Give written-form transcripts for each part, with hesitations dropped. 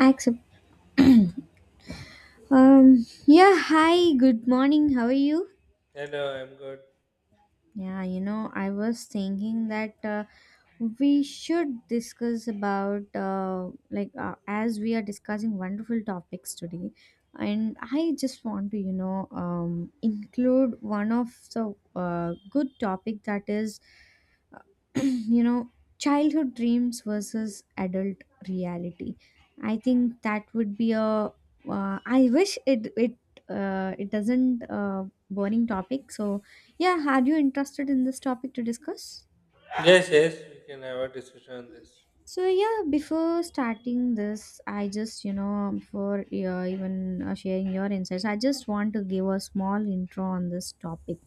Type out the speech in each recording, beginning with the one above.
Accept. Yeah, hi, good morning. How are you? Hello, I'm good. Yeah, I was thinking that we should discuss about as we are discussing wonderful topics today, and I just want to include one of the good topic that is uh, you know childhood dreams versus adult reality. I think that would be a I wish it it doesn't boring topic. So yeah, are you interested in this topic to discuss? Yes, yes, we can have a discussion on this. So yeah, before starting this, I just before even sharing your insights, I just want to give a small intro on this topic.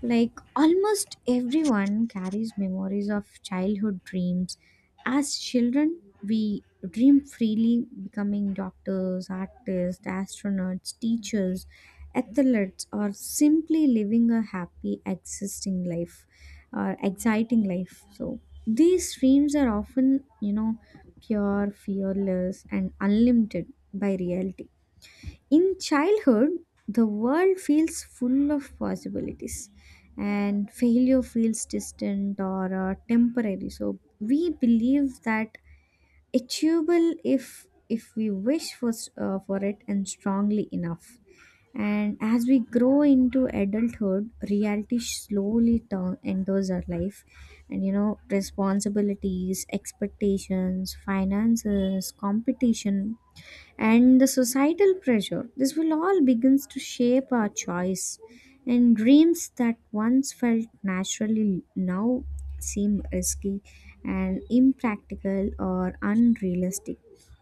Like almost everyone carries memories of childhood dreams. As children, we dream freely, becoming doctors, artists, astronauts, teachers, athletes, or simply living a happy, existing life or exciting life. So these dreams are often, pure, fearless, and unlimited by reality. In childhood, the world feels full of possibilities and failure feels distant or temporary. So we believe that achievable if we wish for for it and strongly enough. And as we grow into adulthood, reality slowly turn, enters our life. And responsibilities, expectations, finances, competition, and the societal pressure. This will all begins to shape our choice, and dreams that once felt naturally now seem risky and impractical or unrealistic.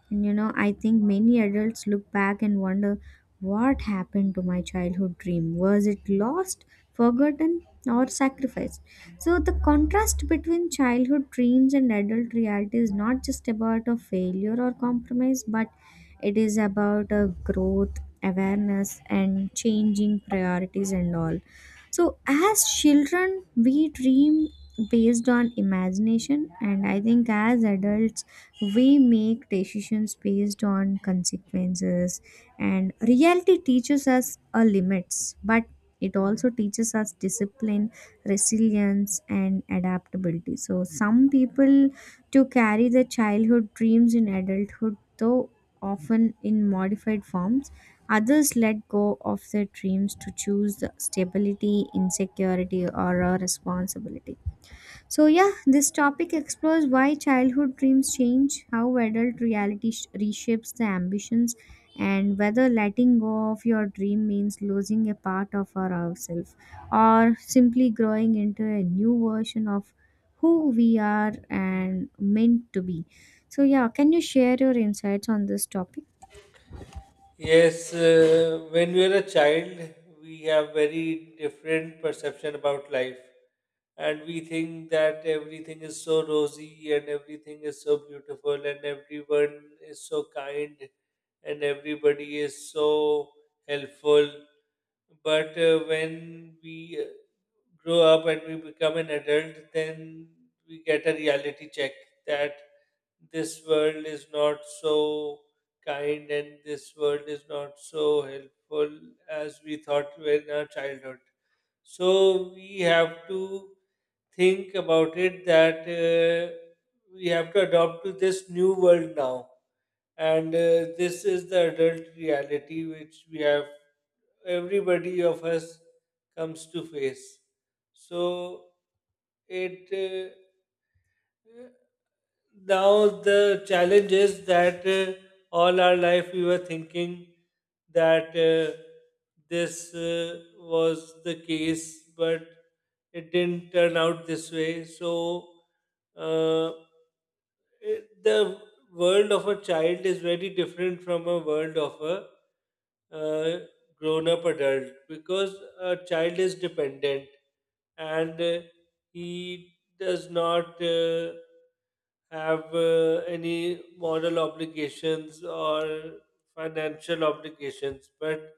And I think many adults look back and wonder, what happened to my childhood dream? Was it lost, forgotten, or sacrificed? So, the contrast between childhood dreams and adult reality is not just about a failure or compromise, but it is about a growth, awareness, and changing priorities and all. So, as children, we dream based on imagination, and I think as adults, we make decisions based on consequences, and reality teaches us our limits, but it also teaches us discipline, resilience, and adaptability. So some people to carry their childhood dreams in adulthood, though often in modified forms. Others let go of their dreams to choose the stability, insecurity, or a responsibility. So, yeah, this topic explores why childhood dreams change, how adult reality reshapes the ambitions, and whether letting go of your dream means losing a part of our ourselves or simply growing into a new version of who we are and meant to be. So, yeah, can you share your insights on this topic? Yes, when we are a child, we have very different perception about life, and we think that everything is so rosy and everything is so beautiful and everyone is so kind and everybody is so helpful. But when we grow up and we become an adult, then we get a reality check that this world is not so kind and this world is not so helpful as we thought in our childhood. So we have to think about it that we have to adopt to this new world now. And this is the adult reality which we have, everybody of us comes to face. So it uh, Now the challenge is that all our life we were thinking that this was the case, but it didn't turn out this way. So uh, the world of a child is very different from a world of a uh, grown up adult because a child is dependent and he does not have any moral obligations or financial obligations. But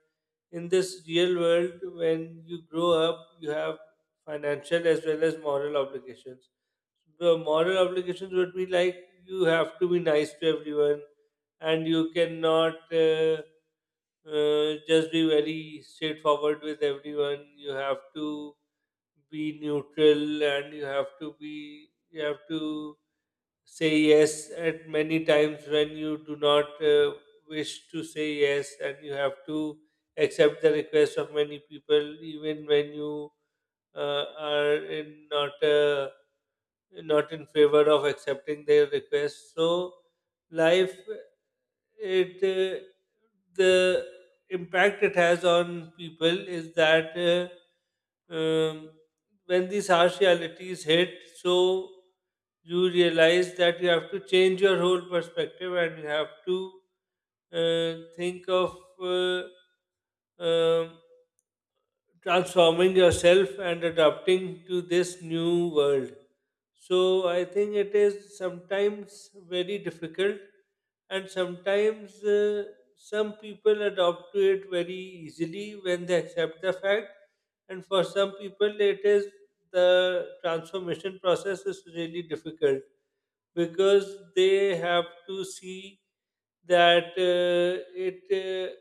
in this real world, when you grow up, you have financial as well as moral obligations. The moral obligations would be like you have to be nice to everyone, and you cannot just be very straightforward with everyone. You have to be neutral and you have to say yes at many times when you do not wish to say yes and you have to accept the request of many people even when you are in not not in favor of accepting their request. So life it The impact it has on people is that when these harsh realities hit, so you realize that you have to change your whole perspective and you have to think of uh, um, transforming yourself and adapting to this new world. So I think it is sometimes very difficult, and sometimes some people adopt to it very easily when they accept the fact, and for some people it is the transformation process is really difficult because they have to see that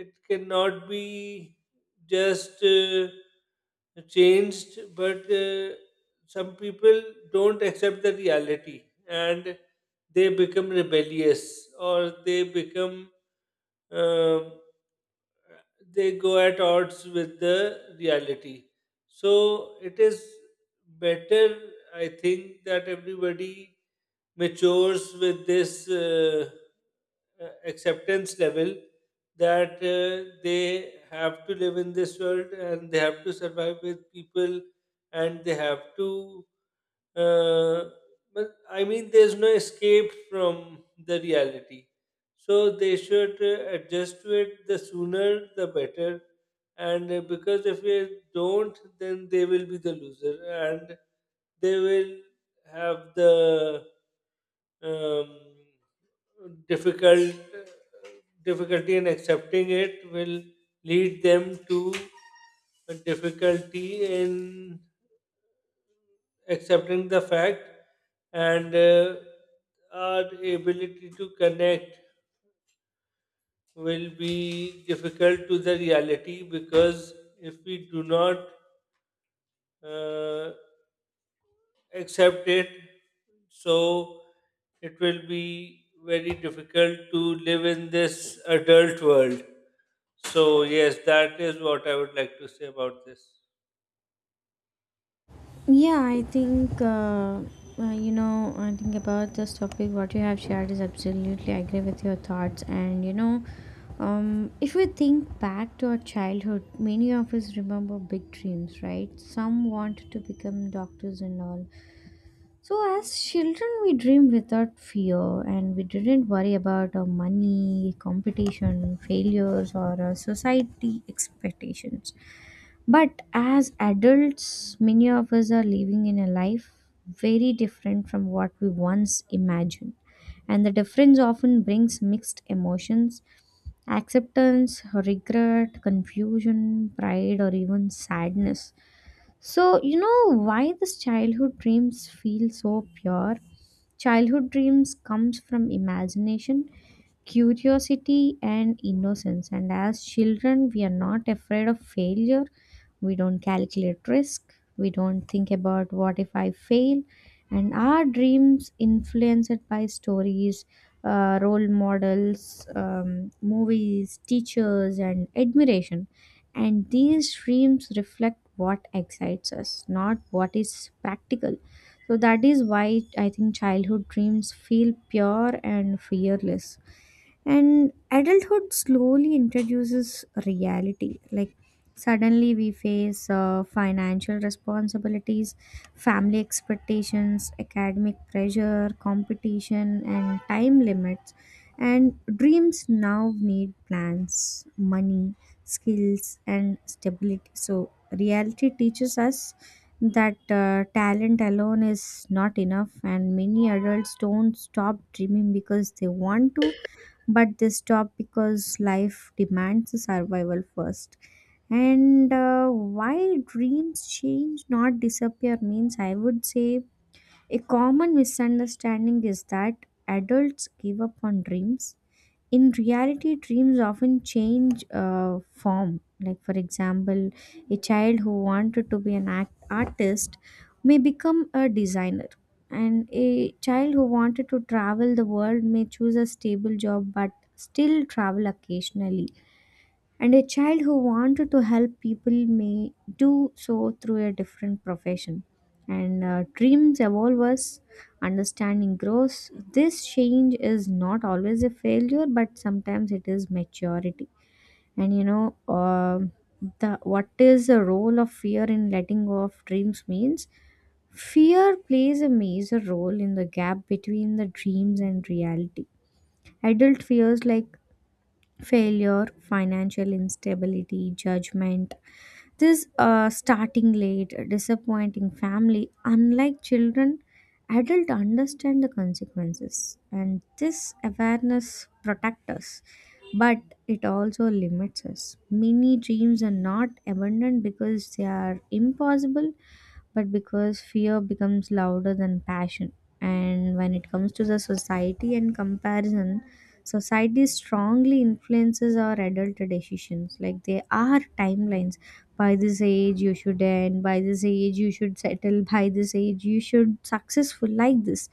it cannot be just changed, but some people don't accept the reality and they become rebellious or they become um, they go at odds with the reality. So it is better, I think, that everybody matures with this. Acceptance level that they have to live in this world and they have to survive with people and they have to uh, but I mean there's no escape from the reality, so they should adjust to it, the sooner the better. And because if we don't, then they will be the loser, and they will have the um, difficult difficulty in accepting it will lead them to a difficulty in accepting the fact. And our ability to connect will be difficult to the reality, because if we do not uh, accept it, so it will be very difficult to live in this adult world. So, yes, that is what I would like to say about this. Yeah, I think, I think about this topic, what you have shared is absolutely I agree with your thoughts. And, if we think back to our childhood, many of us remember big dreams, right? Some want to become doctors and all. So, as children, we dream without fear and we didn't worry about our money, competition, failures, or society expectations, but as adults, many of us are living in a life very different from what we once imagined. And the difference often brings mixed emotions: acceptance, regret, confusion, pride, or even sadness. So, you know why this childhood dreams feel so pure? Childhood dreams comes from imagination, curiosity, and innocence, and as children we are not afraid of failure. We don't calculate risk. We don't think about what if I fail. And our dreams influenced by stories, role models, movies, teachers, and admiration. And these dreams reflect what excites us, not what is practical. So that is why I think childhood dreams feel pure and fearless. And adulthood slowly introduces reality. Like, suddenly we face financial responsibilities, family expectations, academic pressure, competition, and time limits. And dreams now need plans, money, skills, and stability. So, reality teaches us that talent alone is not enough, and many adults don't stop dreaming because they want to, but they stop because life demands survival first. And why dreams change not disappear means I would say a common misunderstanding is that adults give up on dreams. In reality, dreams often change form. Like, for example, a child who wanted to be an artist may become a designer, and a child who wanted to travel the world may choose a stable job but still travel occasionally, and a child who wanted to help people may do so through a different profession. And dreams evolve us understanding grows. This change is not always a failure, but sometimes it is maturity. And um the what is the role of fear in letting go of dreams means fear plays a major role in the gap between the dreams and reality. Adult fears like failure, financial instability, judgment, this starting late, disappointing family. Unlike children, adults understand the consequences and this awareness protects us, but it also limits us. Many dreams are not abandoned because they are impossible, but because fear becomes louder than passion. And when it comes to the society and comparison, society strongly influences our adult decisions. Like, there are timelines. By this age, you should end. By this age, you should settle. By this age, you should successful like this.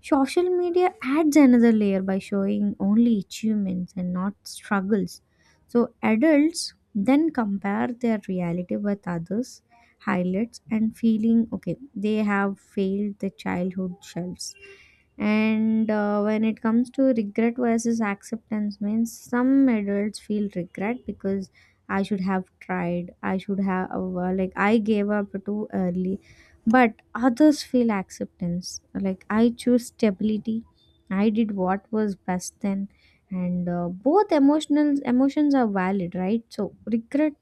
Social media adds another layer by showing only achievements and not struggles. So adults then compare their reality with others highlights and feeling okay they have failed the childhood shelves. And when it comes to regret versus acceptance means some adults feel regret because I should have tried, I should have I gave up too early, but others feel acceptance like I choose stability, I did what was best then. And both emotional emotions are valid, right? So regret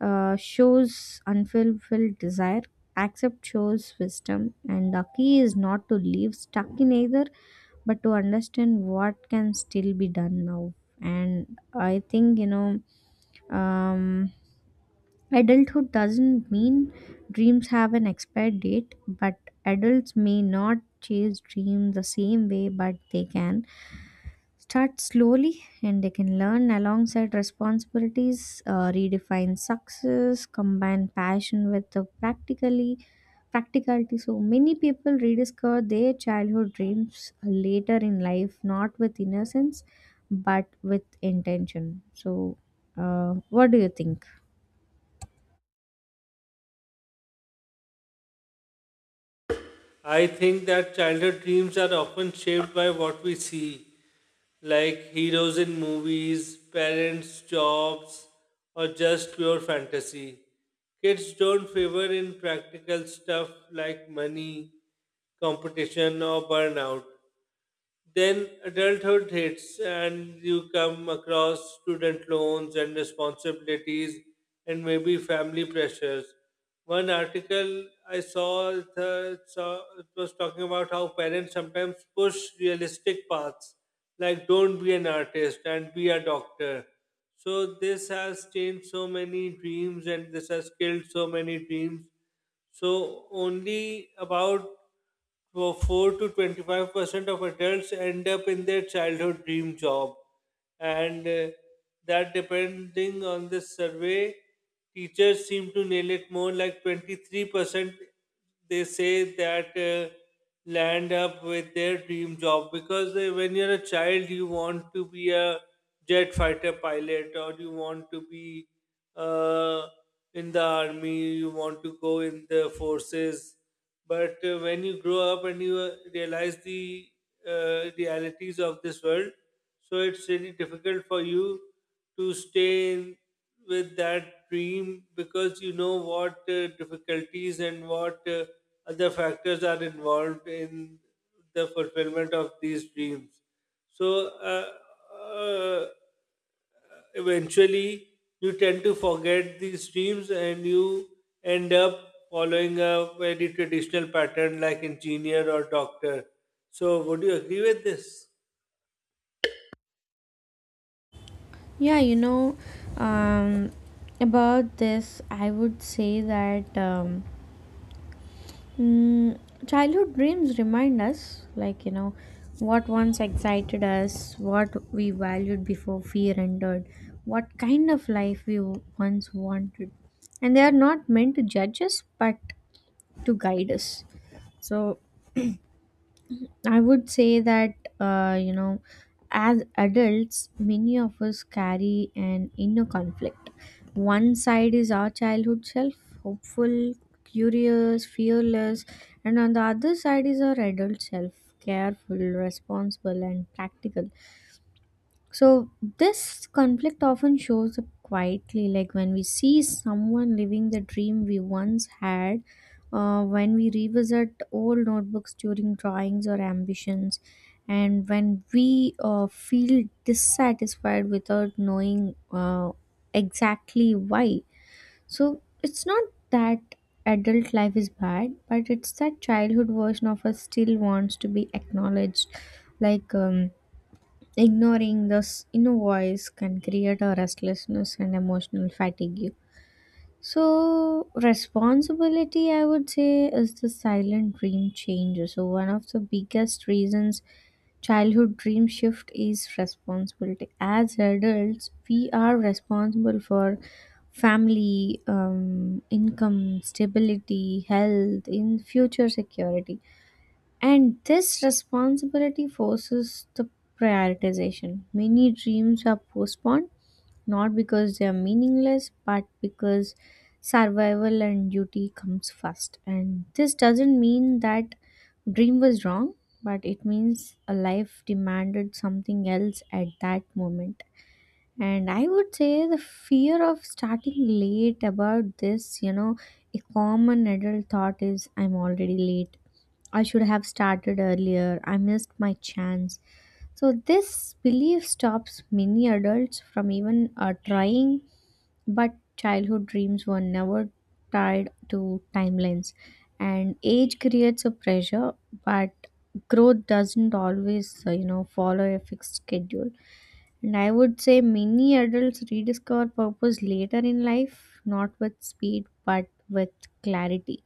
shows unfulfilled desire, accept shows wisdom, and the key is not to leave stuck in either, but to understand what can still be done now. And I think, um, adulthood doesn't mean dreams have an expired date, but adults may not chase dreams the same way, but they can. Start slowly, and they can learn alongside responsibilities, redefine success, combine passion with the practically practicality. So many people rediscover their childhood dreams later in life, not with innocence, but with intention. So, what do you think? I think that childhood dreams are often shaped by what we see, like heroes in movies, parents' jobs, or just pure fantasy. Kids don't favor in practical stuff like money, competition, or burnout. Then adulthood hits, and you come across student loans and responsibilities, and maybe family pressures. One article I saw, it was talking about how parents sometimes push realistic paths, like don't be an artist and be a doctor. So this has changed so many dreams, and this has killed so many dreams, so only about for 4 to 25% of adults end up in their childhood dream job. And that depending on the survey, teachers seem to nail it more, like 23% they say that land up with their dream job because when you're a child you want to be a jet fighter pilot or you want to be uh, in the army, you want to go in the forces. But when you grow up and you realize the realities of this world, so it's really difficult for you to stay in with that dream because you know what difficulties and what other factors are involved in the fulfillment of these dreams. So, eventually you tend to forget these dreams and you end up following a very traditional pattern like engineer or doctor. So, would you agree with this? Yeah, um, about this, I would say that. Mm, childhood dreams remind us, like, what once excited us, what we valued before fear entered, what kind of life we once wanted. And they are not meant to judge us, but to guide us. So, I would say that, uh, you know, as adults, many of us carry an inner conflict. One side is our childhood self, hopeful, curious, fearless, and on the other side is our adult self, careful, responsible, and practical. So this conflict often shows up quietly, like when we see someone living the dream we once had, when we revisit old notebooks during drawings or ambitions, and when we feel dissatisfied without knowing exactly why. So it's not that adult life is bad, but it's that childhood version of us still wants to be acknowledged, like. Ignoring this inner voice can create a restlessness and emotional fatigue. So, responsibility, I would say, is the silent dream change. So, one of the biggest reasons childhood dream shift is responsibility. As adults, we are responsible for family, income, stability, health, in future security, and this responsibility forces the prioritization. Many dreams are postponed not because they are meaningless, but because survival and duty comes first. And this doesn't mean that dream was wrong, but it means a life demanded something else at that moment. And I would say the fear of starting late about this, a common adult thought is I'm already late, I should have started earlier. I missed my chance. So, this belief stops many adults from even trying, but childhood dreams were never tied to timelines. And age creates a pressure, but growth doesn't always, follow a fixed schedule. And I would say many adults rediscover purpose later in life, not with speed, but with clarity.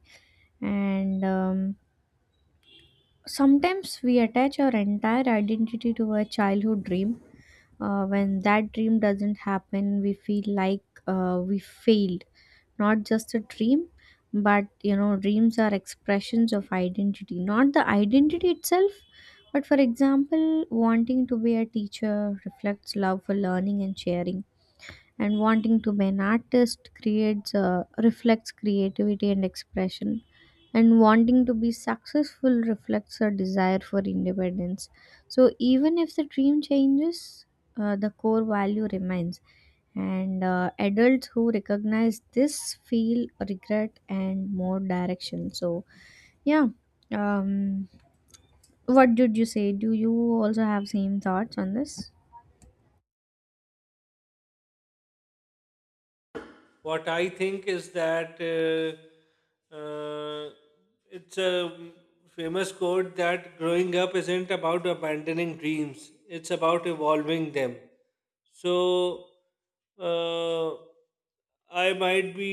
And sometimes we attach our entire identity to a childhood dream. When that dream doesn't happen, we feel like we failed. Not just a dream, but dreams are expressions of identity. Not the identity itself, but for example, wanting to be a teacher reflects love for learning and sharing, and wanting to be an artist creates reflects creativity and expression, and wanting to be successful reflects a desire for independence. So, even if the dream changes, the core value remains. And adults who recognize this feel regret and more direction. So, yeah. Um, what did you say? Do you also have same thoughts on this? What I think is that it's a famous quote that growing up isn't about abandoning dreams, it's about evolving them. So, uh, I might be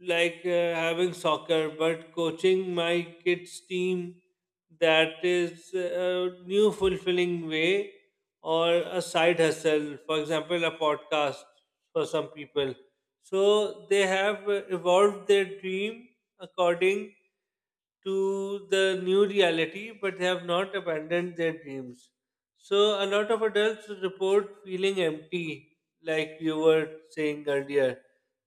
like having soccer, but coaching my kids' team, that is a new fulfilling way, or a side hustle. For example, a podcast for some people. So they have evolved their dream according to the new reality, but they have not abandoned their dreams. So a lot of adults report feeling empty, like you were saying earlier,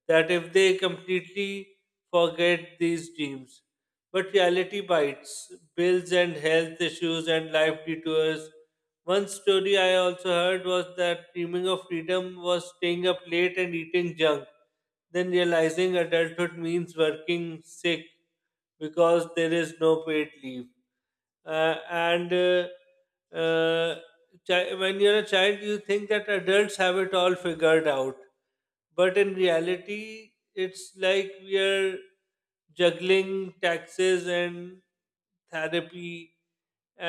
that if they completely forget these dreams. But reality bites, bills and health issues and life detours. One story I also heard was that dreaming of freedom was staying up late and eating junk, then realizing adulthood means working sick because there is no paid leave. Uh, and uh, uh, when you're a child, you think that adults have it all figured out. But in reality, it's like we are juggling taxes and therapy,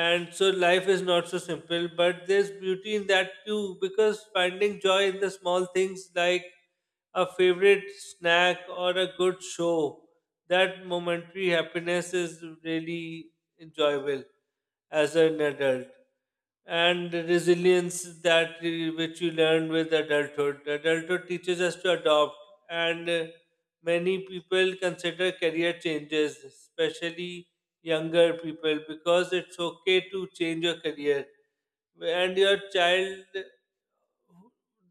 and so life is not so simple, but there's beauty in that too because finding joy in the small things like a favorite snack or a good show, that momentary happiness is really enjoyable as an adult. And resilience that which you learn with adulthood. Adulthood teaches us to adopt, and many people consider career changes, especially younger people, because it's okay to change your career. And your child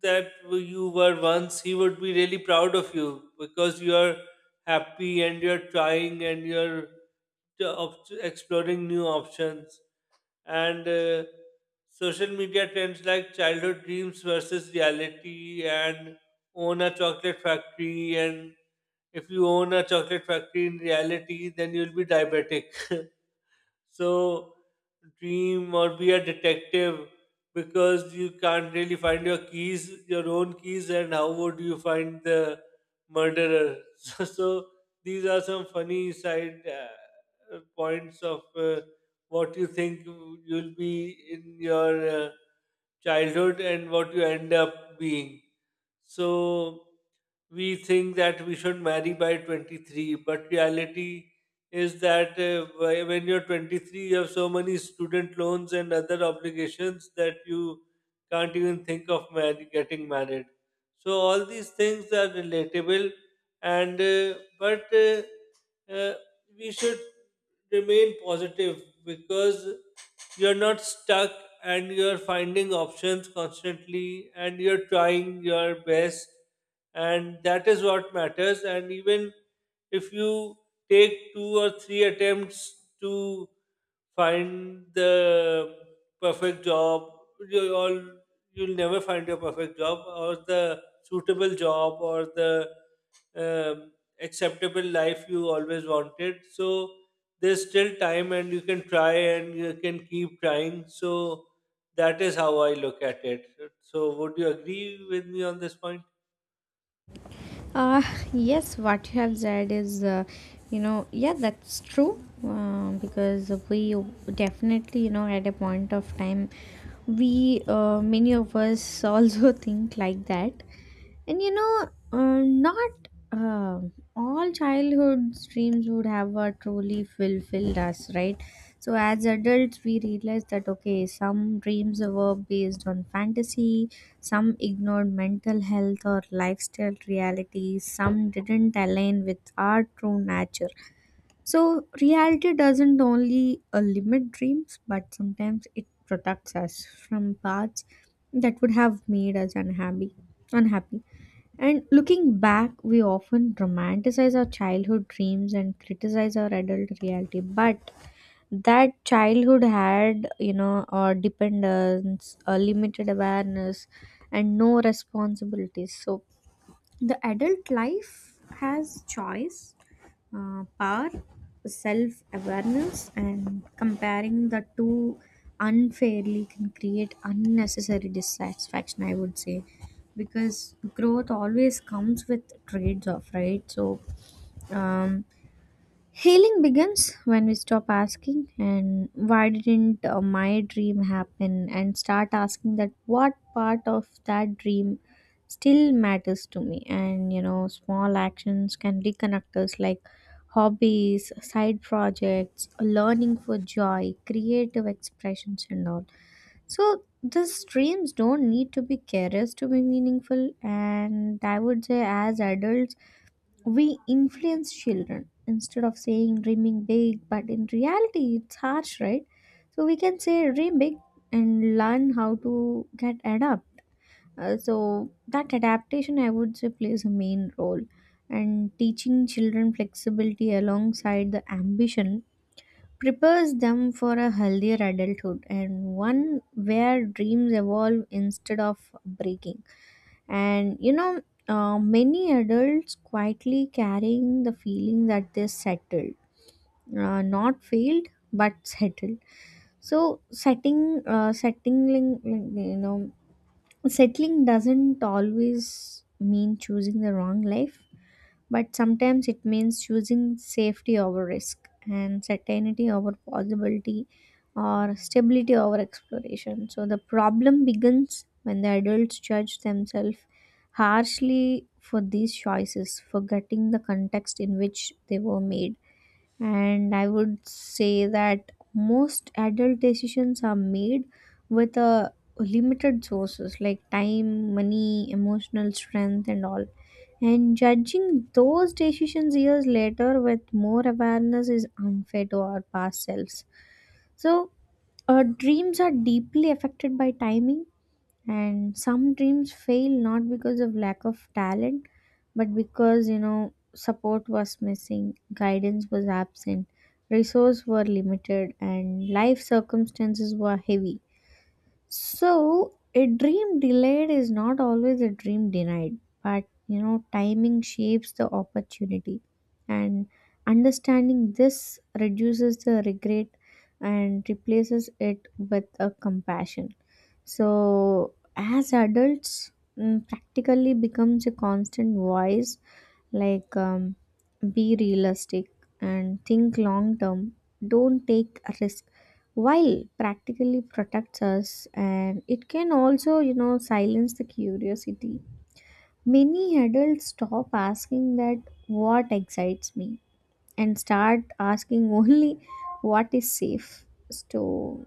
that you were once, he would be really proud of you because you're happy and you're trying and you're exploring new options. And social media trends like childhood dreams versus reality, and own a chocolate factory, and if you own a chocolate factory in reality then you'll be diabetic. So dream, or be a detective because you can't really find your keys, your own keys, and how would you find the murderer? So, so these are some funny side points of what you think you'll be in your childhood and what you end up being. So we think that we should marry by 23, but reality is that when you're 23, you have so many student loans and other obligations that you can't even think of getting married. So all these things are relatable, and but uh, we should remain positive because you're not stuck and you're finding options constantly and you're trying your best, and that is what matters. And even if you take two or three attempts to find the perfect job, you all you'll never find your perfect job or the suitable job or the um, acceptable life you always wanted. So there's still time, and you can try and you can keep trying. So that is how I look at it. So would you agree with me on this point? Uh, yes, what you have said is, yeah, that's true. Because we definitely, at a point of time, many of us also think like that. And not all childhood dreams would have truly fulfilled us, right? So, as adults, we realize that okay, some dreams were based on fantasy, some ignored mental health or lifestyle realities, some didn't align with our true nature. So, reality doesn't only limit dreams, but sometimes it protects us from paths that would have made us unhappy. Unhappy. And looking back, we often romanticize our childhood dreams and criticize our adult reality. But that childhood had, dependence, a limited awareness, and no responsibilities. So the adult life has choice, power, self awareness, and comparing the two unfairly can create unnecessary dissatisfaction, I would say, because growth always comes with trades off, right? So, um, Healing begins when we stop asking, and why didn't my dream happen, and start asking that what part of that dream still matters to me. And small actions can reconnect us like hobbies, side projects, learning for joy, creative expressions, and all. So, these dreams don't need to be careless to be meaningful, and I would say, as adults we influence children instead of saying dreaming big but in reality it's harsh, right? So we can say dream big and learn how to get adapt. So that adaptation I would say plays a main role, and teaching children flexibility alongside the ambition prepares them for a healthier adulthood, and one where dreams evolve instead of breaking. And many adults quietly carrying the feeling that they're settled, not failed but settled. So settling, like, you know, settling doesn't always mean choosing the wrong life, but sometimes it means choosing safety over risk and certainty over possibility or stability over exploration. So the problem begins when the adults judge themselves harshly for these choices, forgetting the context in which they were made. And I would say that most adult decisions are made with a limited sources like time, money, emotional strength, and all, and judging those decisions years later with more awareness is unfair to our past selves. So, our dreams are deeply affected by timing, and some dreams fail not because of lack of talent, but because support was missing, guidance was absent, resources were limited, and life circumstances were heavy. So, a dream delayed is not always a dream denied, but timing shapes the opportunity, and understanding this reduces the regret and replaces it with a compassion. So, as adults, practically becomes a constant voice like be realistic and think long term, don't take a risk, while practically protects us and it can also silence the curiosity. Many adults stop asking that what excites me and start asking only what is safe, so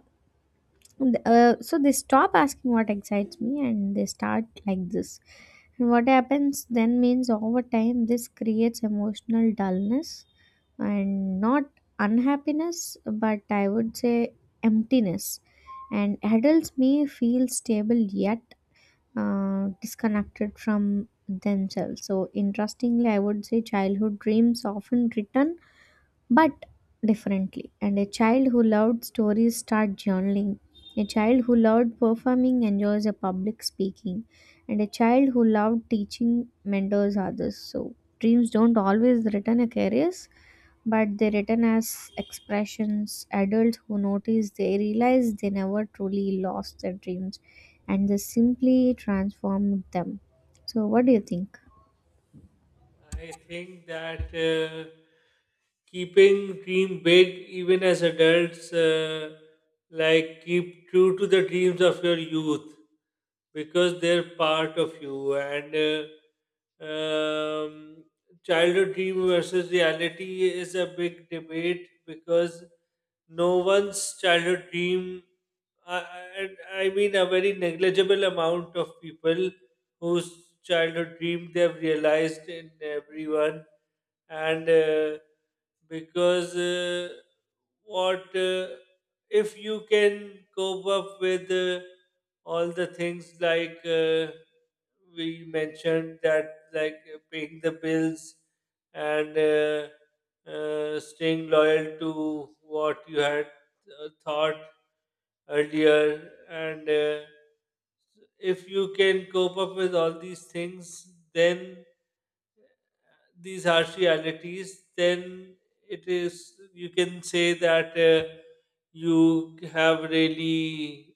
so they stop asking what excites me and they start like this. And what happens then means over time this creates emotional dullness, and not unhappiness, but I would say emptiness. And adults may feel stable yet disconnected from themselves. So, interestingly, I would say childhood dreams often return but differently. And a child who loved stories start journaling. A child who loved performing enjoys a public speaking. And a child who loved teaching mentors others. So dreams don't always return as careers, but they return as expressions. Adults who notice they realize they never truly lost their dreams and they simply transformed them. So what do you think? I think that keeping dream big even as adults, like keep true to the dreams of your youth because they're part of you. And childhood dream versus reality is a big debate because no one's childhood dream I, I mean a very negligible amount of people whose childhood dream they have realized in everyone. And because what if you can cope up with all the things, like we mentioned, that like paying the bills and staying loyal to what you had thought earlier. And if you can cope up with all these things, then these harsh realities, then it is you can say that you have really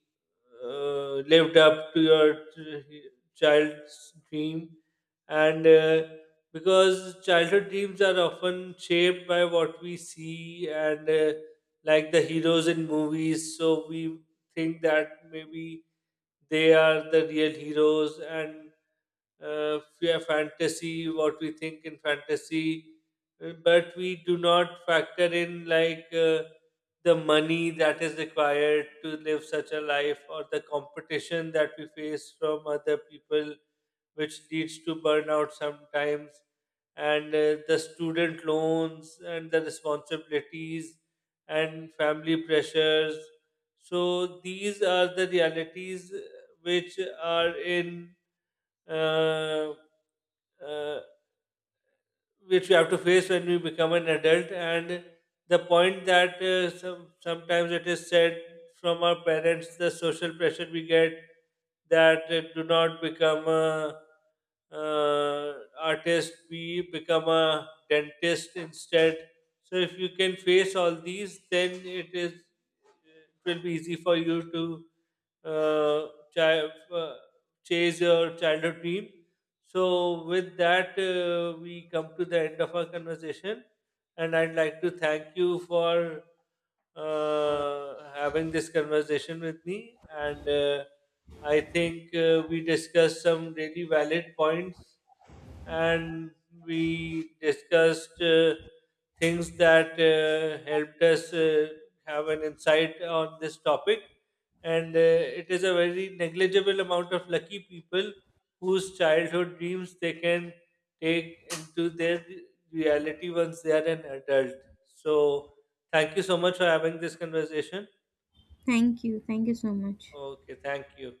lived up to your child's dream. And because childhood dreams are often shaped by what we see, and like the heroes in movies, so we think that maybe they are the real heroes. And yeah, fantasy, what we think in fantasy, but we do not factor in like the money that is required to live such a life, or the competition that we face from other people, which leads to burnout sometimes, and the student loans and the responsibilities and family pressures. So these are the realities which are in uh uh, which we have to face when we become an adult. And the point that sometimes it is said from our parents, the social pressure we get, that do not become a uh, artist, be become a dentist instead. So if you can face all these, then it will be easy for you to uh, chi- uh, chase your childhood dream. So, with that, we come to the end of our conversation, and I'd like to thank you for having this conversation with me. And I think we discussed some really valid points, and we discussed things that helped us have an insight on this topic. And it is a very negligible amount of lucky people whose childhood dreams they can take into their reality once they are an adult. So, thank you so much for having this conversation. Thank you. Thank you so much. Okay, thank you.